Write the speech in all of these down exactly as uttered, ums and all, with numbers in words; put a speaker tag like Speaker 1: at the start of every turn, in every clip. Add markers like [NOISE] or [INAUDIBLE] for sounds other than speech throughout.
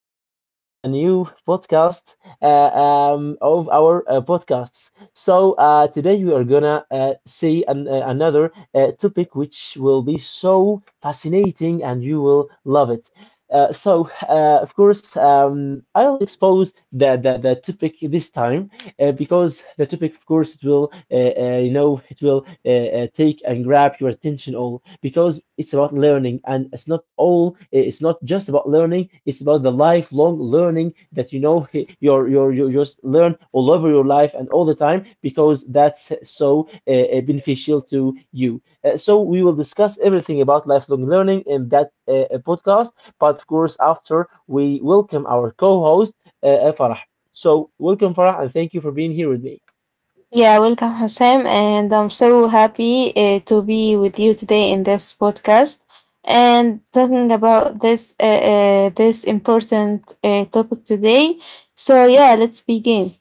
Speaker 1: welcome back to a new podcast uh, um, of our uh, podcasts. So, uh, today we are gonna uh, see an, uh, another uh, topic which will be so fascinating and you will love it. Uh, so, uh, of course, um, I'll expose the, the, the topic this time uh, because the topic of course it will uh, uh, you know it will uh, uh, take and grab your attention all because it's about learning, and it's not all uh, it's not just about learning, it's about the lifelong learning that you know [LAUGHS] you're you're you just learn all over your life and all the time because that's so uh, uh, beneficial to you. Uh, so we will discuss everything about lifelong learning in that uh, uh, podcast, but of course after we welcome our co-host, uh, Farah. So, welcome, Farah, and thank you for being here with me.
Speaker 2: Yeah, welcome, Hassan, and I'm so happy uh, to be with you today in this podcast and talking about this uh, uh, this important uh, topic today. So yeah, let's begin.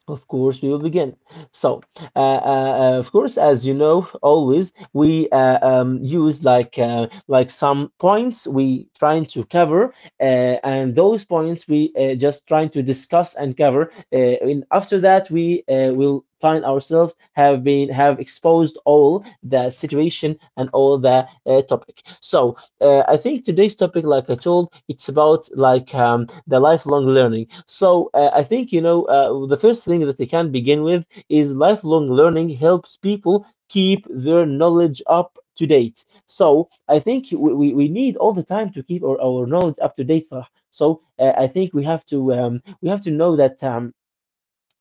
Speaker 1: Of course, we will begin. So, uh, uh, uh, of course, as you know, always we uh, um, use like uh, like some points we trying to cover, uh, and those points we uh, just trying to discuss and cover. Uh, and after that, we uh, will find ourselves have been have exposed all the situation and all the uh, topic. So Uh, I think today's topic, like I told, it's about like um, the lifelong learning. So uh, I think you know uh, the first thing that they can begin with is lifelong learning helps people keep their knowledge up to date. So I think we, we, we need all the time to keep our, our knowledge up to date, Farah. So uh, I think we have to um, we have to know that. Um,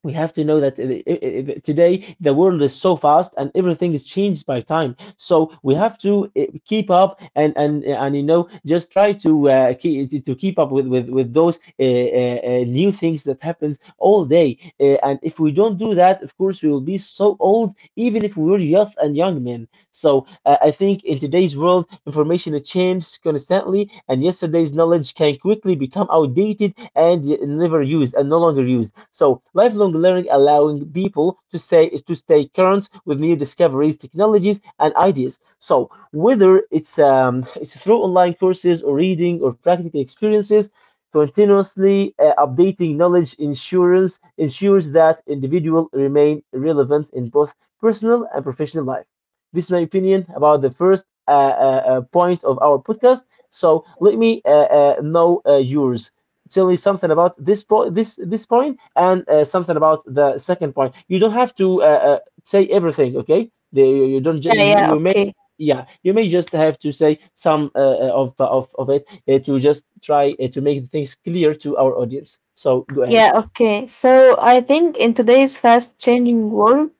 Speaker 1: We have to know that i- i- i- today the world is so fast and everything is changed by time, so we have to uh, keep up, and and and you know just try to uh, keep, to to keep up with with with those uh, uh, uh, new things that happens all day. Uh, and if we don't do that, of course we will be so old, even if we were youth and young men. So uh, I think in today's world, information changes constantly, and yesterday's knowledge can quickly become outdated and y- never used and no longer used. So lifelong learning allowing people to say to stay current with new discoveries, technologies, and ideas. So whether it's um, it's through online courses or reading or practical experiences, continuously uh, updating knowledge insurance ensures that individual remain relevant in both personal and professional life. This is my opinion about the first uh, uh, uh, point of our podcast. So let me uh, uh, know uh, yours. Tell me something about this po- this this point and uh, something about the second point. You don't have to uh, uh, say everything, okay? The, you, you don't just
Speaker 2: Yeah,
Speaker 1: you,
Speaker 2: yeah,
Speaker 1: you may
Speaker 2: okay.
Speaker 1: yeah, you may just have to say some uh, uh, of uh, of of it uh, to just try uh, to make things clear to our audience. So go ahead.
Speaker 2: Yeah, okay. So I think in today's fast changing world,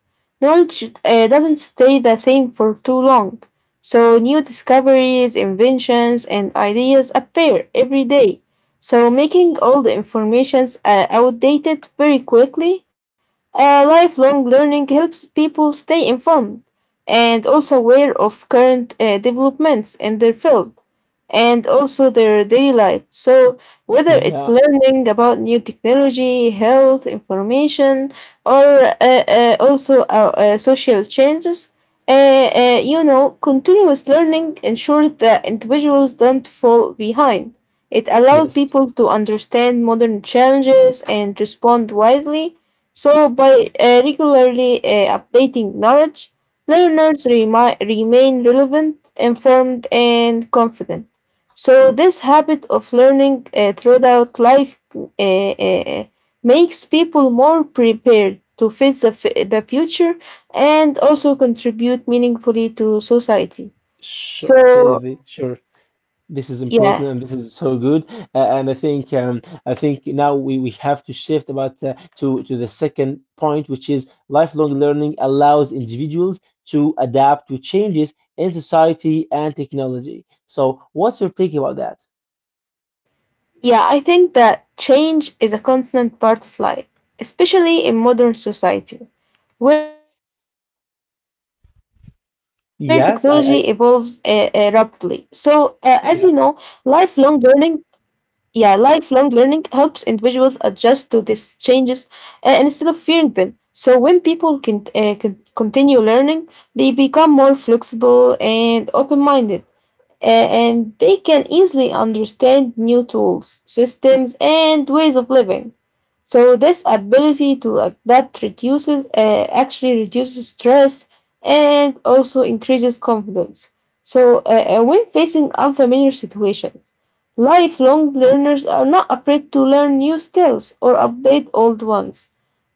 Speaker 2: knowledge uh, doesn't stay the same for too long. So new discoveries, inventions, and ideas appear every day. So making all the informations uh, outdated very quickly. Uh, lifelong learning helps people stay informed and also aware of current uh, developments in their field and also their daily life. So whether it's
Speaker 1: Yeah.
Speaker 2: learning about new technology, health information, or uh, uh, also our uh, social changes. Uh, uh, you know, continuous learning ensures that individuals don't fall behind. It allows
Speaker 1: Yes.
Speaker 2: people to understand modern challenges and respond wisely. So, by uh, regularly uh, updating knowledge, learners remi- remain relevant, informed, and confident. So this habit of learning uh, throughout life uh, uh, makes people more prepared to face the, f- the future and also contribute meaningfully to society.
Speaker 1: Sure. Yeah,
Speaker 2: So
Speaker 1: the- Sure. This is
Speaker 2: yeah,
Speaker 1: important, and this is so good. Uh, and I think um, I think now we, we have to shift about uh, to to the second point, which is lifelong learning allows individuals to adapt to changes in society and technology. So, what's your take about that?
Speaker 2: yeah, I think that change is a constant part of life, especially in modern society where technology evolves uh, uh, rapidly. So
Speaker 1: Yes,
Speaker 2: uh,
Speaker 1: I,
Speaker 2: as
Speaker 1: I
Speaker 2: you know, lifelong learning
Speaker 1: yeah,
Speaker 2: Yeah, lifelong learning helps individuals adjust to these changes uh, instead of fearing them. So, when people can, uh, can continue learning, they become more flexible and open minded a- and they can easily understand new tools, systems, and ways of living. So this ability to adapt reduces uh, actually reduces stress and also increases confidence. So uh, uh, when facing unfamiliar situations, lifelong learners are not afraid to learn new skills or update old ones.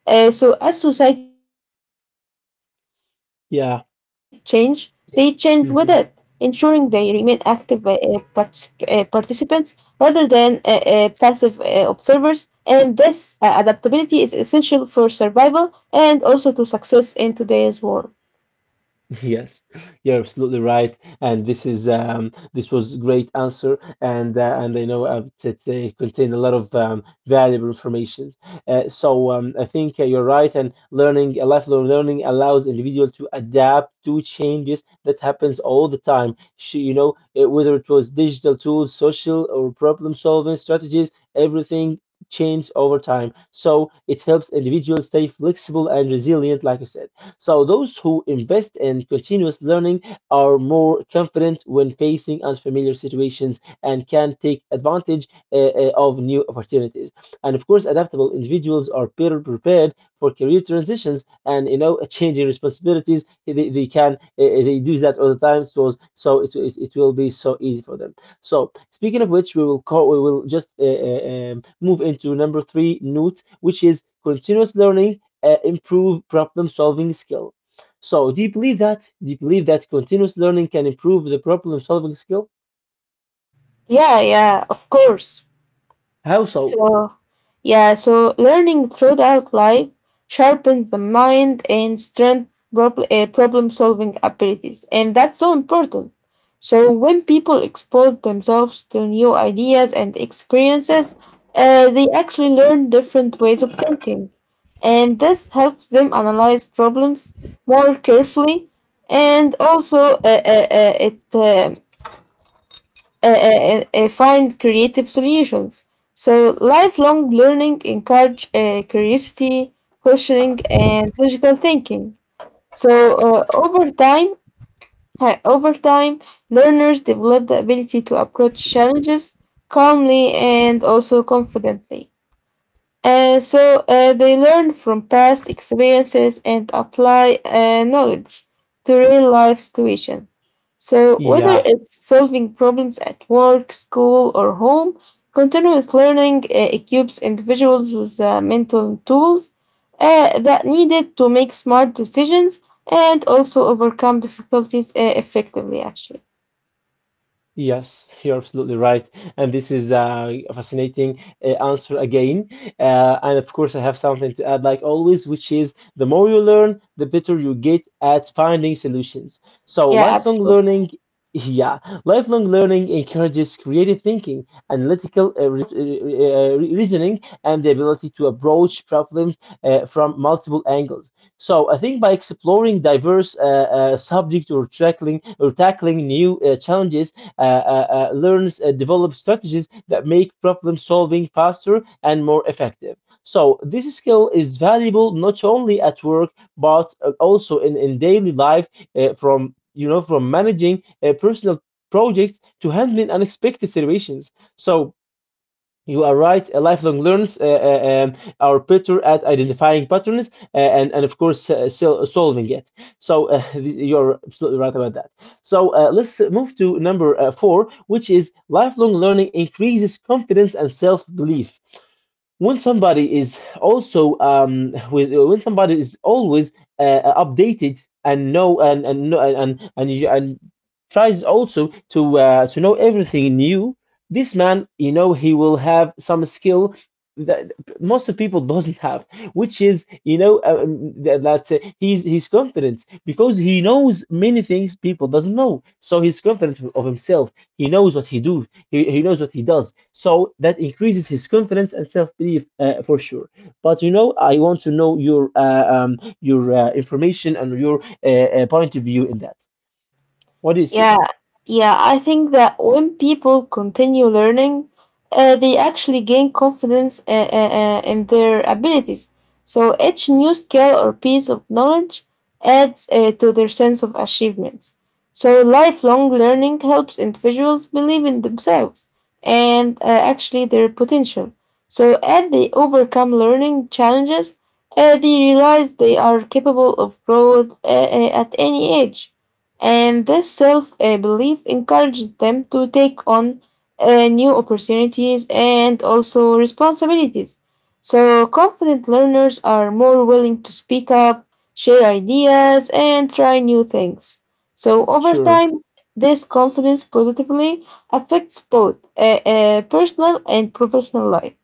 Speaker 2: Uh, so as society change, they change with it,
Speaker 1: yeah.
Speaker 2: ensuring they remain active uh, uh,
Speaker 1: Mhm.
Speaker 2: particip- uh, participants rather than uh, uh, passive uh, observers. And this uh, adaptability is essential for survival and also to success in today's world.
Speaker 1: Yes, [LAUGHS] you're absolutely right, and this is um, this was great answer, and uh, and I know uh, that they contain a lot of um, valuable information. Uh, so um, I think uh, you're right, and learning a lifelong learning allows individual to adapt to changes that happens all the time. Sh you know, uh, whether it was digital tools, social or problem solving strategies, everything changes over time. So it helps individuals stay flexible and resilient, like I said. So, those who invest in continuous learning are more confident when facing unfamiliar situations and can take advantage uh, uh, of new opportunities. And of course, adaptable individuals are better prepared for career transitions and you know changing responsibilities. They, they can uh, uh, they do that all the time, so so it, it, it will be so easy for them. So speaking of which, we will call we will just uh, uh, um, move into number three note, which is continuous learning uh, improve problem solving skill. So, do you believe that? Do you believe that continuous learning can improve the problem solving skill?
Speaker 2: Yeah, yeah, of course.
Speaker 1: How so?
Speaker 2: So, yeah, so learning throughout life sharpens the mind and strength prob- uh, problem solving abilities. And that's so important. So, when people expose themselves to new ideas and experiences, uh, they actually learn different ways of thinking. And this helps them analyze problems more carefully. And also, uh, uh, uh, it uh, uh, uh, uh, find creative solutions. So, lifelong learning encourage uh, curiosity, questioning, and logical thinking. So, uh, over time, uh, over time, learners develop the ability to approach challenges calmly and also confidently. Uh, so uh, they learn from past experiences and apply uh, knowledge to real life situations. So, whether
Speaker 1: Yeah.
Speaker 2: it's solving problems at work, school, or home, continuous learning uh, equips individuals with uh, mental tools uh, that needed to make smart decisions and also overcome difficulties uh, effectively, actually.
Speaker 1: Yes, you're absolutely right. And this is uh, a fascinating uh, answer again. Uh, and of course, I have something to add, like always, which is the more you learn, the better you get at finding solutions. So,
Speaker 2: Yeah,
Speaker 1: lifelong
Speaker 2: absolutely.
Speaker 1: learning, [LAUGHS] yeah, lifelong learning encourages creative thinking, analytical uh, re- uh, re- reasoning, and the ability to approach problems uh, from multiple angles. So I think by exploring diverse uh, uh, subjects or tackling or tackling new uh, challenges, uh, uh, uh, learns, uh, develops strategies that make problem solving faster and more effective. So this skill is valuable not only at work but uh, also in, in daily life uh, from you know from managing uh, personal projects to handling unexpected situations. So you are right. uh, Lifelong learns uh, uh, um, are better at identifying patterns uh, and, and of course, uh, sol- solving it. So uh, [LAUGHS] you're absolutely right about that. So uh, let's move to number uh, four, which is lifelong learning increases confidence and self belief when somebody is also um with when somebody is always uh, updated and know and and know- and and and, you- and tries also to uh, to know everything new. This man, you know, he will have some skill that most of people [LAUGHS] doesn't have, which is you know uh, um, that, that uh, he's he's confident because he knows many things people doesn't know, so he's confident of himself. he knows what he do he, he knows what he does. So that increases his confidence and self belief uh, for sure. But you know, I want to know your uh, um, your uh, information and your uh, uh, point of view in that. What do you see?
Speaker 2: Yeah, yeah, I think that when people continue learning, uh, they actually gain confidence uh, uh, uh, in their abilities. So each new skill or piece of knowledge adds uh, to their sense of achievement. So lifelong learning helps individuals believe in themselves and uh, actually their potential. So as they overcome learning challenges, uh, they realize they are capable of growth uh, uh, at any age. And this self uh, belief encourages them to take on uh, new opportunities and also responsibilities. So, confident learners are more willing to speak up, share ideas, and try new things. So, over
Speaker 1: Sure.
Speaker 2: time, this confidence positively affects both uh, uh, personal and professional life.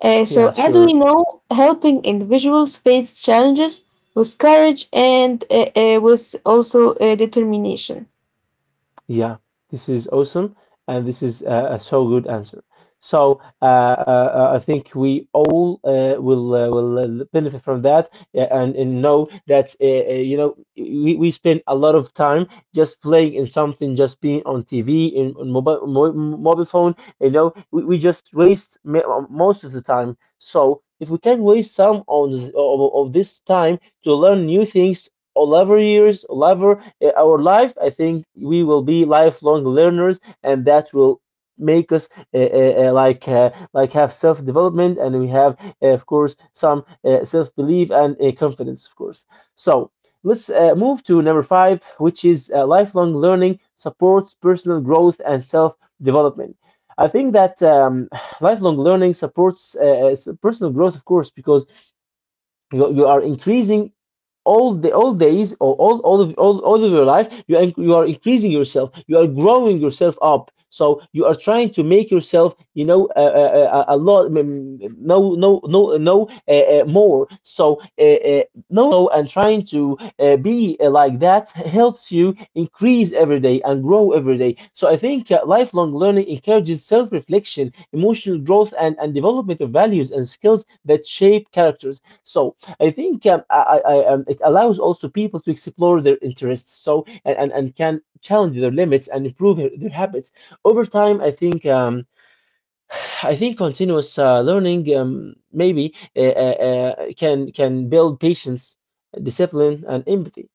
Speaker 2: Uh,
Speaker 1: Yeah,
Speaker 2: so, as
Speaker 1: sure.
Speaker 2: we know, helping individuals face challenges with courage and uh, uh, with also uh, determination.
Speaker 1: Yeah, this is awesome, and this is uh, a so good answer. So uh, uh, uh, I think we all uh, will uh, will uh, benefit from that, uh, and, and know that uh, uh, you know we, we spend a lot of time just playing in something, just being on T V, in, on mobile mo mobile phone. You know, we, we just waste ma- most of the time. So if we can waste some on of, of this time to learn new things all our years, all our, uh, our life, I think we will be lifelong learners, and that will make us uh, uh, uh, like uh, like have self development, and we have, uh, of course, some uh, self belief and uh, confidence, of course. So let's uh, move to number five, which is uh, lifelong learning supports personal growth and self development. I think that um, [SIGHS] lifelong learning supports uh, uh, s- personal growth, of course, because you, you are increasing all the all days or all all of all, all of your life you are, you are increasing yourself, you are growing yourself up, so you are trying to make yourself, you know, a, a, a- a lot mm, no no no no uh, uh, more so uh, uh, no no and trying to uh, be uh, like that helps you increase every day and grow every day. So I think uh, lifelong learning encourages self-reflection, emotional growth, and, and development of values and skills that shape characters. So I think um, I, I, um, it allows also people to explore their interests, so and, and, and can challenge their limits and improve their, their habits over time. I think um, I think continuous uh, learning um, maybe uh, uh, uh, can can build patience, discipline, and empathy.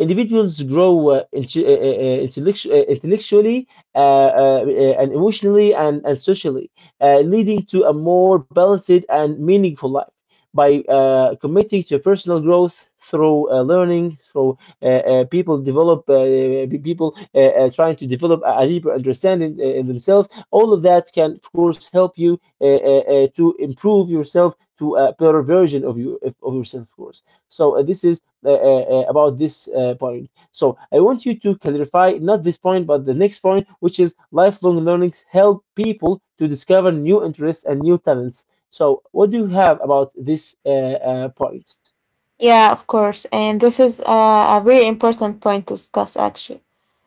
Speaker 1: Individuals grow uh, inte- uh, uh, uh, intellectu- uh, intellectually, uh, uh, uh, and emotionally, and, and socially, uh, leading to a more balanced and meaningful life. By uh, committing to personal growth through uh, learning, through uh, uh, people develop, uh, pe- people uh, uh, trying to develop a a deeper understanding uh, in themselves. All of that can, of course, help you uh, uh, uh, to improve yourself to a better version of you of yourself, of course. So uh, this is uh, uh, uh, about this uh, point. So I want you to clarify not this point, but the next point, which is lifelong learnings help people to discover new interests and new talents. So what do you have about this uh, uh, point?
Speaker 2: Yeah, of course. And this is uh, a very important point to discuss, actually.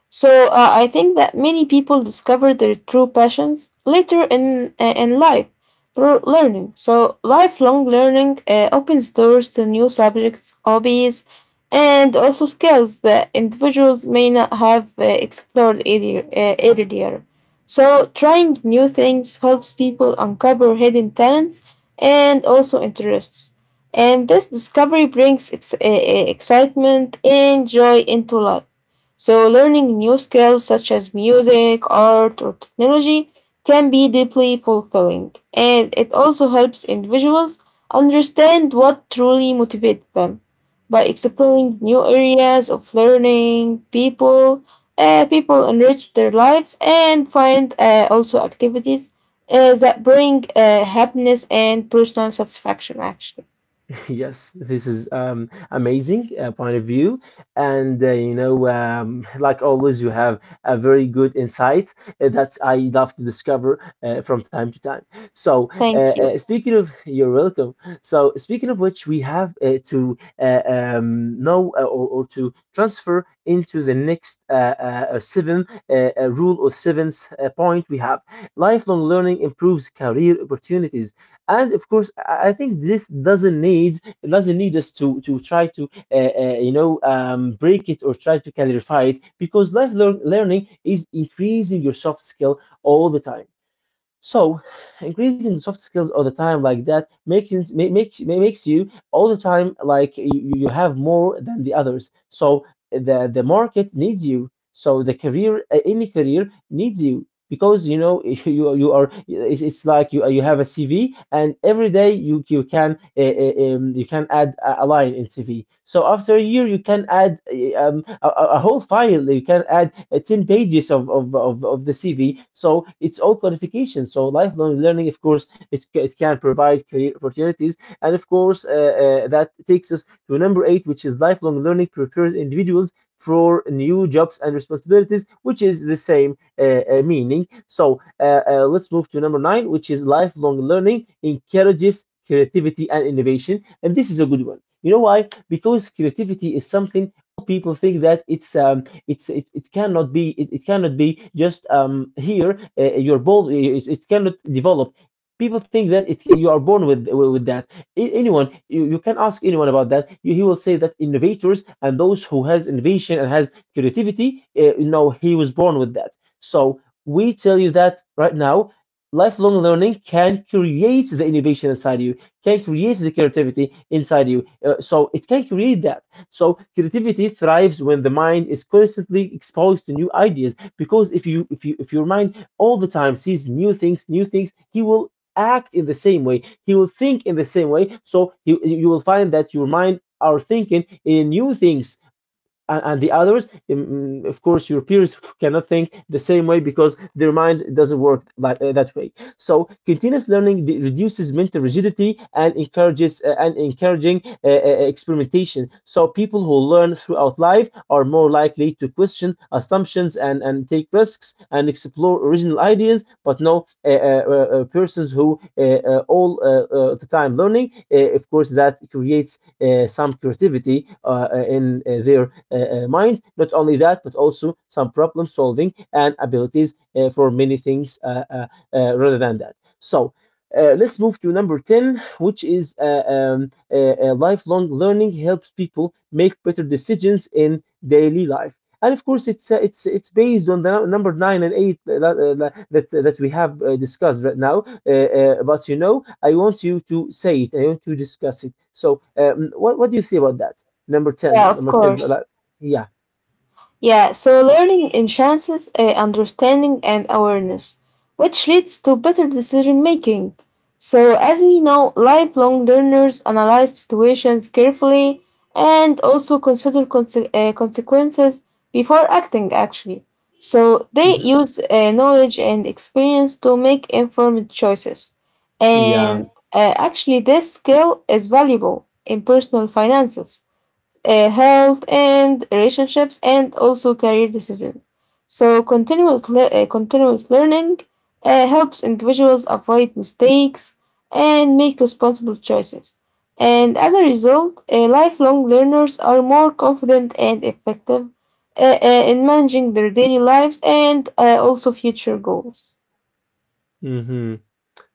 Speaker 2: So uh, I think that many people discover their true passions later in uh, in life through learning. So lifelong learning uh, opens doors to new subjects, hobbies, and also skills that individuals may not have uh, explored earlier, uh, earlier. So trying new things helps people uncover hidden talents and also interests. And this discovery brings ex- uh, uh, excitement and joy into life. So, learning new skills such as music, art, or technology can be deeply fulfilling, and it also helps individuals understand what truly motivates them. By exploring new areas of learning, people, uh, people enrich their lives and find uh, also activities uh, that bring uh, happiness and personal satisfaction. Actually,
Speaker 1: [LAUGHS] Yes, this is um, amazing uh, point of view, and uh, you know, um, like always, you have a very good insight uh, that I love to discover uh, from time to time. So, uh,
Speaker 2: thank you.
Speaker 1: uh, speaking of, you're welcome. So, speaking of which, we have uh, to uh, um, know uh, or, or to transfer into the next uh, uh, uh, seven uh, uh, rule or seventh uh, point. We have lifelong learning improves career opportunities. And of course, I I think this doesn't need it doesn't need us to to try to uh, uh, you know um, break it or try to clarify it because life lear- learning is increasing your soft skill all the time. So, increasing soft skills all the time like that makes it- ma- makes ma- makes you all the time like you, you you have more than the others. So the the market needs you. So the career uh, any career needs you because you know [LAUGHS] you you are it's, it's like you you have a C V, and every day you you can uh, uh, um, you can add a a line in C V. So after a year you can add uh, um, a, a a whole file. You can add uh, ten pages of, of of of the C V. So it's all qualification. So lifelong learning, of course, it ca- it can provide career opportunities, and of course uh, uh, that takes us to number eight, which is lifelong learning prepares individuals for new jobs and responsibilities, which is the same uh, uh, meaning. So uh, uh, let's move to number nine, which is lifelong learning encourages creativity and innovation. And this is a good one. You know why? Because creativity is something people think that it's um it's it, it cannot be it, it cannot be just um here uh, uh, you're born. It, it cannot develop. People think that it you are born with with that. A- anyone, you, you can ask anyone about that. You- he will say that innovators and those who has innovation and has creativity, uh, you know he was born with that. So we tell you that right now, lifelong learning can create the innovation inside you, can create the creativity inside you. Uh, so it can create that. So creativity thrives when the mind is constantly exposed to new ideas. Because if you if you if your mind all the time sees new things, new things, he will act in the same way. He will think in the same way. So you you will find that your mind are thinking in new things, and, and the others, mm, mm, of course your peers cannot think the same way because their mind doesn't work like uh, that way. So continuous learning de- reduces mental rigidity and encourages uh, and encouraging uh, uh, experimentation. So people who learn throughout life are more likely to question assumptions, and, and take risks and explore original ideas. But no, uh, uh, uh, persons who uh, uh, all uh, uh, the time learning, uh, of course that creates uh, some creativity uh, uh, in uh, their uh, uh, mind. Not only that, but also some problem solving and abilities uh, for many things, uh, uh, uh, rather than that. So, uh, let's move to number ten, which is uh, um, uh, uh, lifelong learning helps people make better decisions in daily life. And of course, it's uh, it's it's based on the number nine and eight uh, that uh, that, that we have uh, discussed right now. Uh, uh, but you know, I want you to say it. I want to discuss it. So, um, what what do you say about that? Number
Speaker 2: Yeah,
Speaker 1: ten,
Speaker 2: of
Speaker 1: number ten,
Speaker 2: course.
Speaker 1: like, yeah,
Speaker 2: Yeah, so learning enhances uh, understanding and awareness, which leads to better decision making. So, as we know, lifelong learners analyze situations carefully and also consider conse- uh, consequences before acting, actually. So, they
Speaker 1: hmm,
Speaker 2: use uh, knowledge and experience to make informed choices.
Speaker 1: yeah.
Speaker 2: And uh, actually, this skill is valuable in personal finances uh, health and relationships and also career decisions. So continuous le- uh, continuous learning uh, helps individuals avoid mistakes and make responsible choices. And as a result, uh, lifelong learners are more confident and effective uh, uh, in managing their daily lives and uh, also future goals.
Speaker 1: Hmm,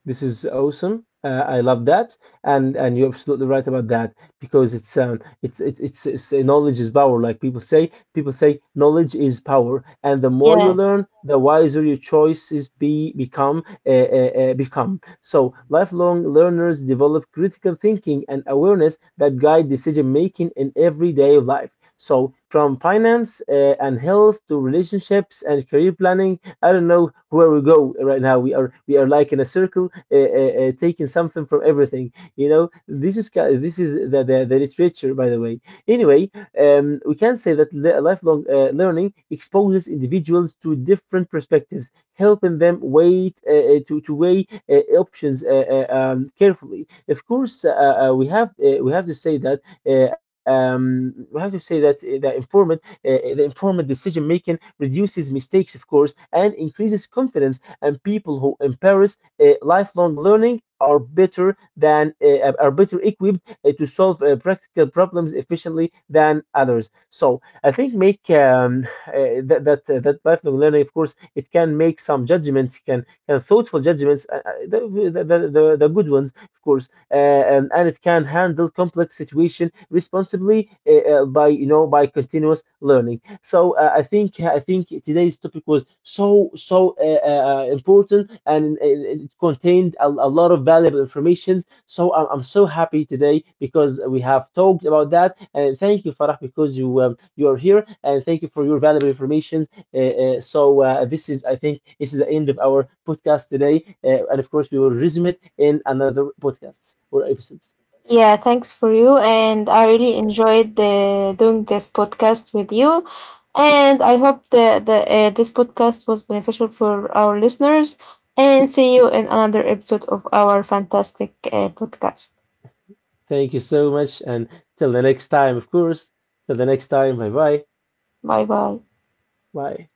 Speaker 1: this is awesome. Uh, I love that, and and you're absolutely right about that because it's um it's it's it's, it's uh, knowledge is power. Like people say, people say knowledge is power, and the more you
Speaker 2: Yeah,
Speaker 1: learn, the wiser your choices be become uh, uh, uh, become. So lifelong learners develop critical thinking and awareness that guide decision making in everyday life. So from finance uh, and health to relationships and career planning. I don't know where we go right now. We are we are like in a circle, uh, uh, uh, taking something from everything. You know, this is ki- this is the the, the literature, by the way. Anyway, um, we can say that li- lifelong uh, learning exposes individuals to different perspectives, helping them wait uh, uh, to to weigh uh, options uh, uh, um, carefully. Of course, uh, uh, we have uh, we have to say that uh, um, we have to say that uh, the informant uh, uh, the informed decision making reduces mistakes, of course, and increases confidence. And people who embrace uh, lifelong learning are better than uh, are better equipped uh, to solve uh, practical problems efficiently than others. So I think make um, uh, that that uh, that lifelong learning, of course, it can make some judgments, can can thoughtful judgments, uh, uh, the, the, the the the good ones, of course, uh, um, and it can handle complex situation responsibly uh, uh, by, you know, by continuous learning. So uh, I think I think today's topic was so so uh, uh, uh, important, and it, it it contained a, a lot of valuable information. So I'm, I'm so happy today because we have talked about that. And thank you, Farah, because you, um, you are here, and thank you for your valuable information. Uh, uh, so uh, this is, I think, this is the end of our podcast today, uh, and of course we will resume it in another podcasts or episodes.
Speaker 2: yeah, thanks for you. And I really enjoyed uh, doing this podcast with you. And I hope the, the uh, this podcast was beneficial for our listeners. And see you in another episode of our fantastic uh, podcast.
Speaker 1: Thank you so much, and till the next time, of course. Till the next time, bye bye,
Speaker 2: Bye bye.
Speaker 1: bye.